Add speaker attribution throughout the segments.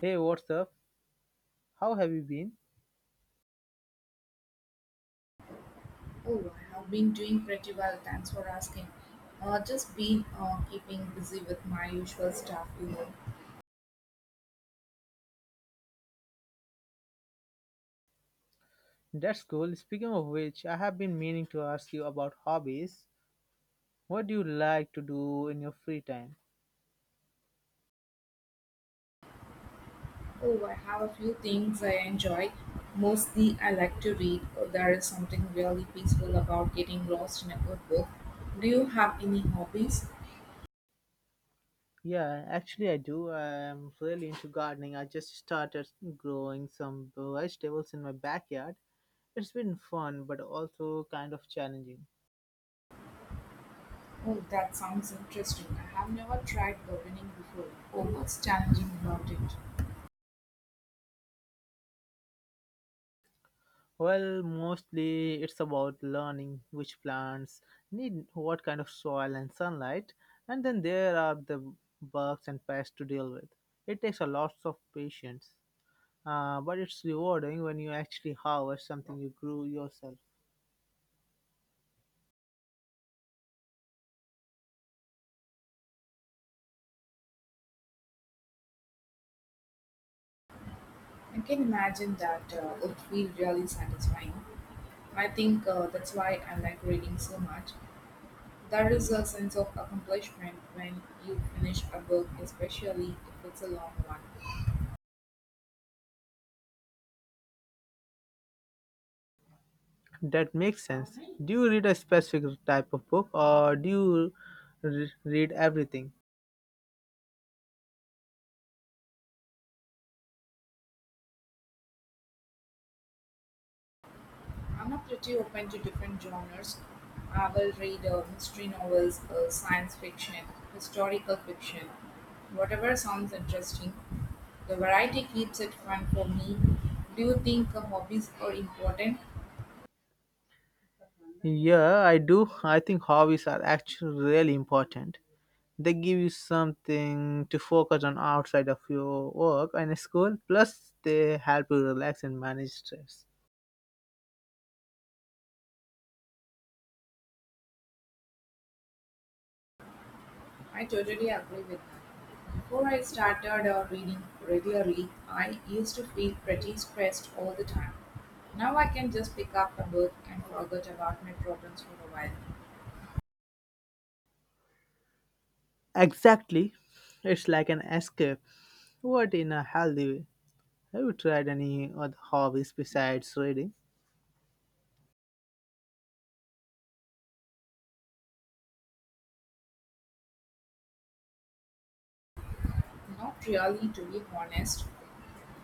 Speaker 1: Hey, what's up? How have you been?
Speaker 2: Oh, I have been doing pretty well. Thanks for asking. Just been keeping busy with my usual stuff.
Speaker 1: That's cool. Speaking of which, I have been meaning to ask you about hobbies. What do you like to do in your free time?
Speaker 2: Oh, I have a few things I enjoy. Mostly, I like to read. There is something really peaceful about getting lost in a good book. Do you have any hobbies?
Speaker 1: Yeah, actually, I do. I'm really into gardening. I just started growing some vegetables in my backyard. It's been fun, but also kind of challenging.
Speaker 2: Oh, that sounds interesting. I have never tried gardening before. Oh, what's challenging about it?
Speaker 1: Well, mostly it's about learning which plants need what kind of soil and sunlight, and then there are the bugs and pests to deal with. It takes a lot of patience, but it's rewarding when you actually harvest something you grew yourself.
Speaker 2: I can imagine that would feel really satisfying. I think that's why I like reading so much. There is a sense of accomplishment when you finish a book, especially if it's a long one.
Speaker 1: That makes sense. Do you read a specific type of book, or do you read everything?
Speaker 2: I'm not pretty open to different genres. I will read mystery novels, science fiction, historical fiction, whatever sounds interesting. The variety keeps it fun for me. Do you think hobbies are important?
Speaker 1: Yeah, I do. I think hobbies are actually really important. They give you something to focus on outside of your work and school, plus, they help you relax and manage stress.
Speaker 2: I totally agree with that. Before I started reading regularly, I used to feel pretty stressed all the time. Now I can just pick up a book and forget about my problems for a while.
Speaker 1: Exactly. It's like an escape, but in a healthy way. Have you tried any other hobbies besides reading?
Speaker 2: Not really, to be honest.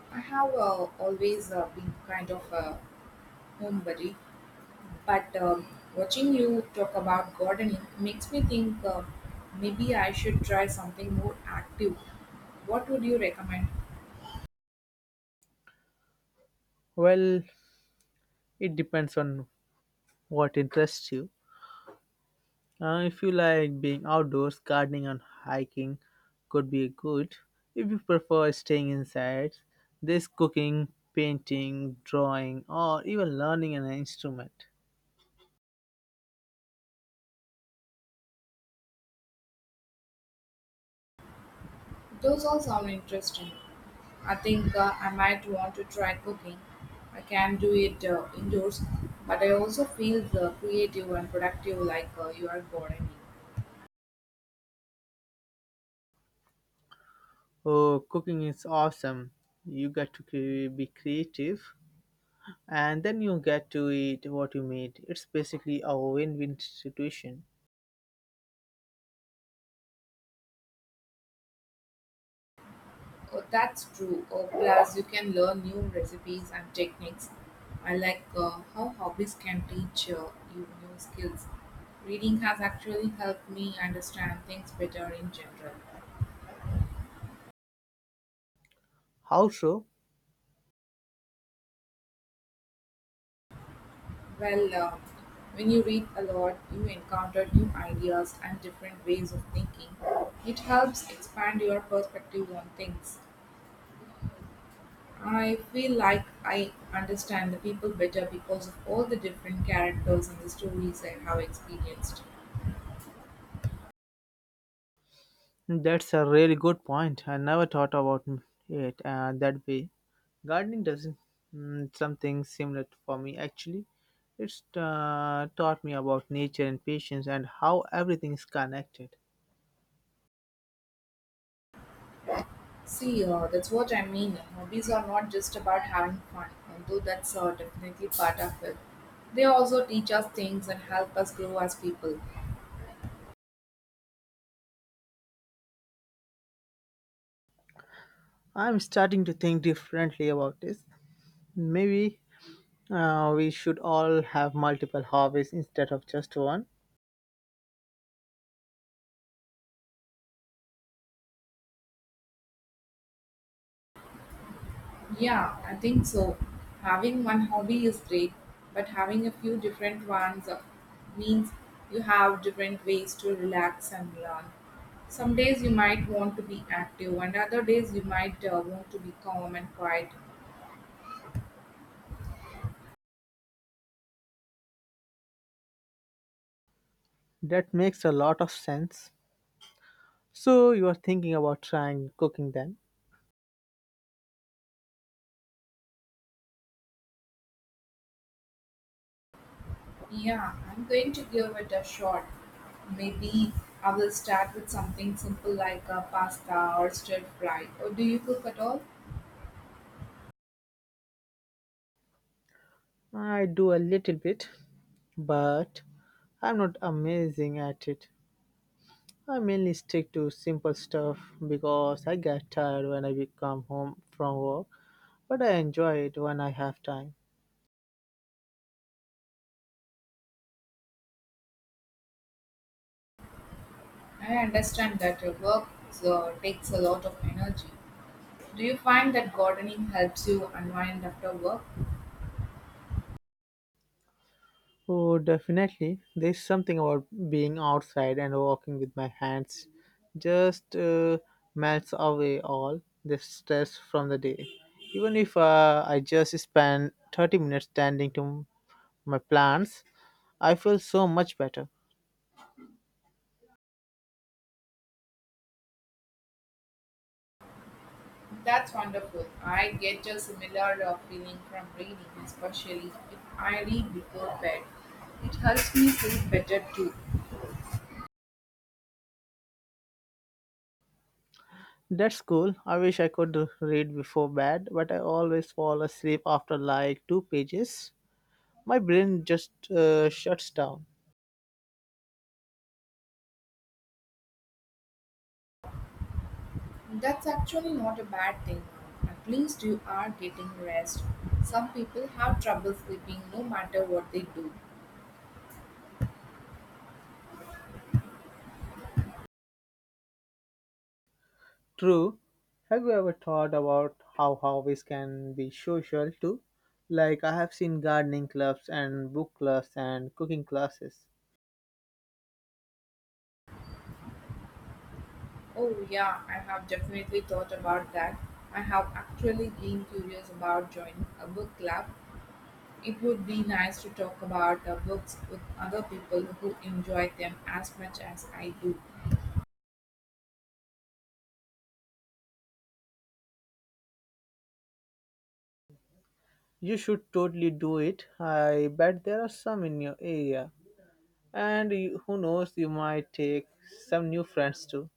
Speaker 2: I have always been kind of a homebody, but watching you talk about gardening makes me think maybe I should try something more active. What would you recommend?
Speaker 1: Well, it depends on what interests you. If you like being outdoors, gardening and hiking could be good. If you prefer staying inside, there's cooking, painting, drawing, or even learning an instrument.
Speaker 2: Those all sound interesting. I think I might want to try cooking. I can do it indoors, but I also feel creative and productive like you are boring me.
Speaker 1: Oh, cooking is awesome. You get to be creative and then you get to eat what you made. It's basically a win win situation.
Speaker 2: Oh, that's true. Oh, plus, you can learn new recipes and techniques. I like how hobbies can teach you new skills. Reading has actually helped me understand things better in general.
Speaker 1: How so?
Speaker 2: Well, when you read a lot, you encounter new ideas and different ways of thinking. It helps expand your perspective on things. I feel like I understand the people better because of all the different characters and the stories I have experienced.
Speaker 1: That's a really good point. I never thought about it that way. Gardening doesn't something similar for me actually. It's taught me about nature and patience and how everything is connected.
Speaker 2: See, that's what I mean. Hobbies are not just about having fun, although that's definitely part of it. They also teach us things and help us grow as people.
Speaker 1: I'm starting to think differently about this. Maybe we should all have multiple hobbies instead of just one.
Speaker 2: Yeah, I think so. Having one hobby is great, but having a few different ones means you have different ways to relax and learn. Some days you might want to be active, and other days you might want to be calm and quiet.
Speaker 1: That makes a lot of sense. So you are thinking about trying cooking then?
Speaker 2: Yeah, I'm going to give it a shot. Maybe I will start with something simple like a pasta or stir fry. Or do you cook at all?
Speaker 1: I do a little bit, but I'm not amazing at it. I mainly stick to simple stuff because I get tired when I come home from work, but I enjoy it when I have time.
Speaker 2: I understand that your work takes a lot of energy. Do you find that gardening helps you unwind after work?
Speaker 1: Oh, definitely. There's something about being outside and walking with my hands just melts away all the stress from the day. Even if I just spend 30 minutes tending to my plants, I feel so much better.
Speaker 2: That's wonderful. I get a similar feeling from reading, especially if I read before bed. It helps me sleep better too.
Speaker 1: That's cool. I wish I could read before bed, but I always fall asleep after like two pages. My brain just shuts down.
Speaker 2: That's actually not a bad thing. At least you are getting rest. Some people have trouble sleeping no matter what they do.
Speaker 1: True. Have you ever thought about how hobbies can be social too? Like, I have seen gardening clubs and book clubs and cooking classes.
Speaker 2: Oh, yeah, I have definitely thought about that. I have actually been curious about joining a book club. It would be nice to talk about the books with other people who enjoy them as much as I do.
Speaker 1: You should totally do it. I bet there are some in your area. And you, who knows, you might take some new friends too.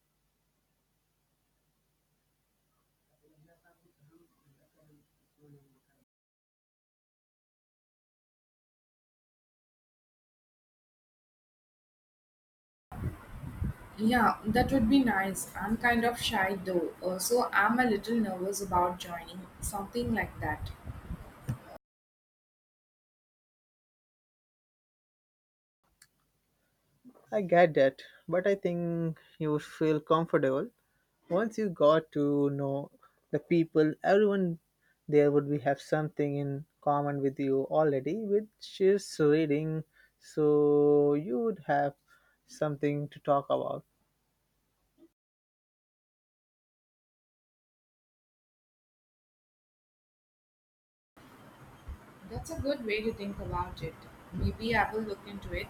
Speaker 2: Yeah, that would be nice. I'm kind of shy though, so I'm a little nervous about joining something like that.
Speaker 1: I get that, but I think you would feel comfortable once you got to know the people everyone there would be have something in common with you already, which is reading, so you would have something to talk about.
Speaker 2: That's a good way to think about it. Maybe I will look into it.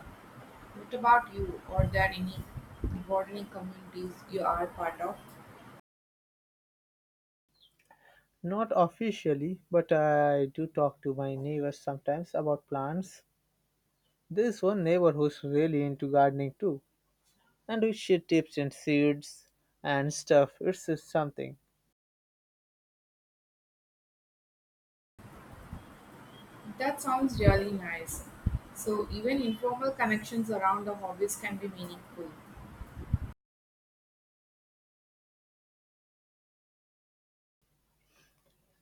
Speaker 2: What about you? Are there any gardening communities you are part of?
Speaker 1: Not officially, but I do talk to my neighbors sometimes about plants. This one neighbor who's really into gardening too, and we share tips and seeds and stuff. It's just something.
Speaker 2: That sounds really nice. So, even informal connections around the hobbies can be meaningful.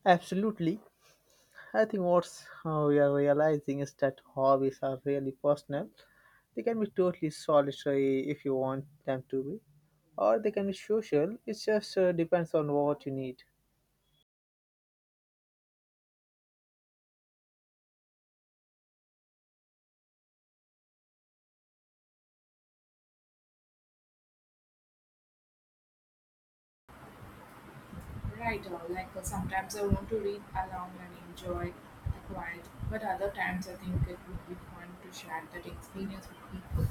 Speaker 1: Absolutely. I think what we are realizing is that hobbies are really personal. They can be totally solitary if you want them to be, or they can be social. It just depends on what you need.
Speaker 2: Right, or like sometimes I want to read along and enjoy the quiet, but other times I think it would be fun to share that experience with people.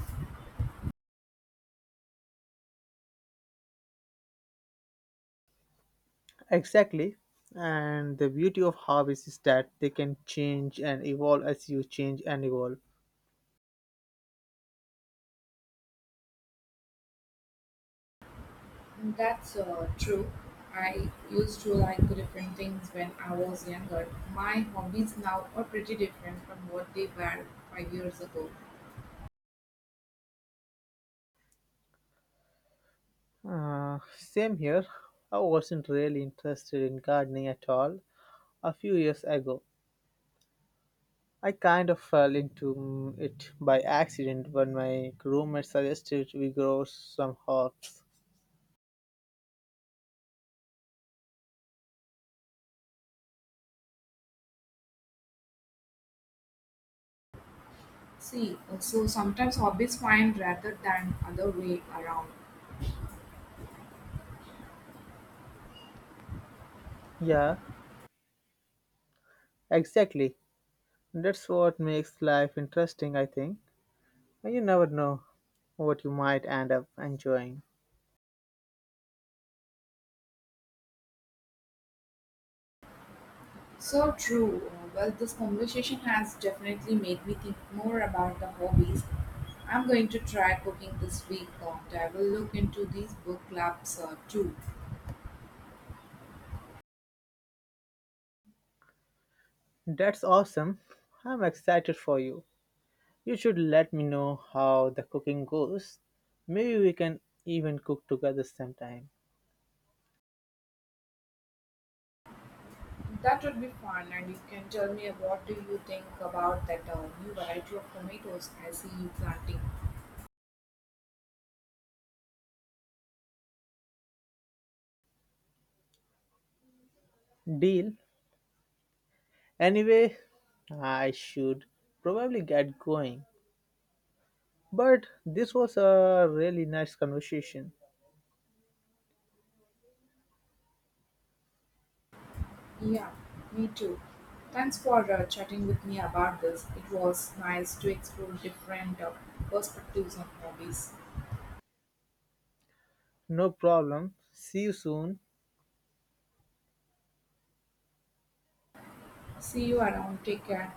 Speaker 1: Exactly. And the beauty of hobbies is that they can change and evolve as you change and evolve.
Speaker 2: And that's true. I used to like different things when I was younger. My hobbies now are pretty different from what they were 5 years ago.
Speaker 1: Same here. I wasn't really interested in gardening at all a few years ago. I kind of fell into it by accident when my roommate suggested we grow some herbs.
Speaker 2: See, so sometimes hobbies find rather than other way around.
Speaker 1: Yeah, exactly. That's what makes life interesting, I think. You never know what you might end up enjoying.
Speaker 2: So true. Well, this conversation has definitely made me think more about the hobbies. I'm going to try cooking this week, and I will look into these book clubs too.
Speaker 1: That's awesome. I'm excited for you. You should let me know how the cooking goes. Maybe we can even cook together sometime.
Speaker 2: That would be fun, and you can tell me what do you think about that new variety of tomatoes I see you planting.
Speaker 1: Deal. Anyway, I should probably get going. But this was a really nice conversation.
Speaker 2: Yeah, me too. Thanks for chatting with me about this. It was nice to explore different perspectives on hobbies.
Speaker 1: No problem. See you soon.
Speaker 2: See you around. Take care.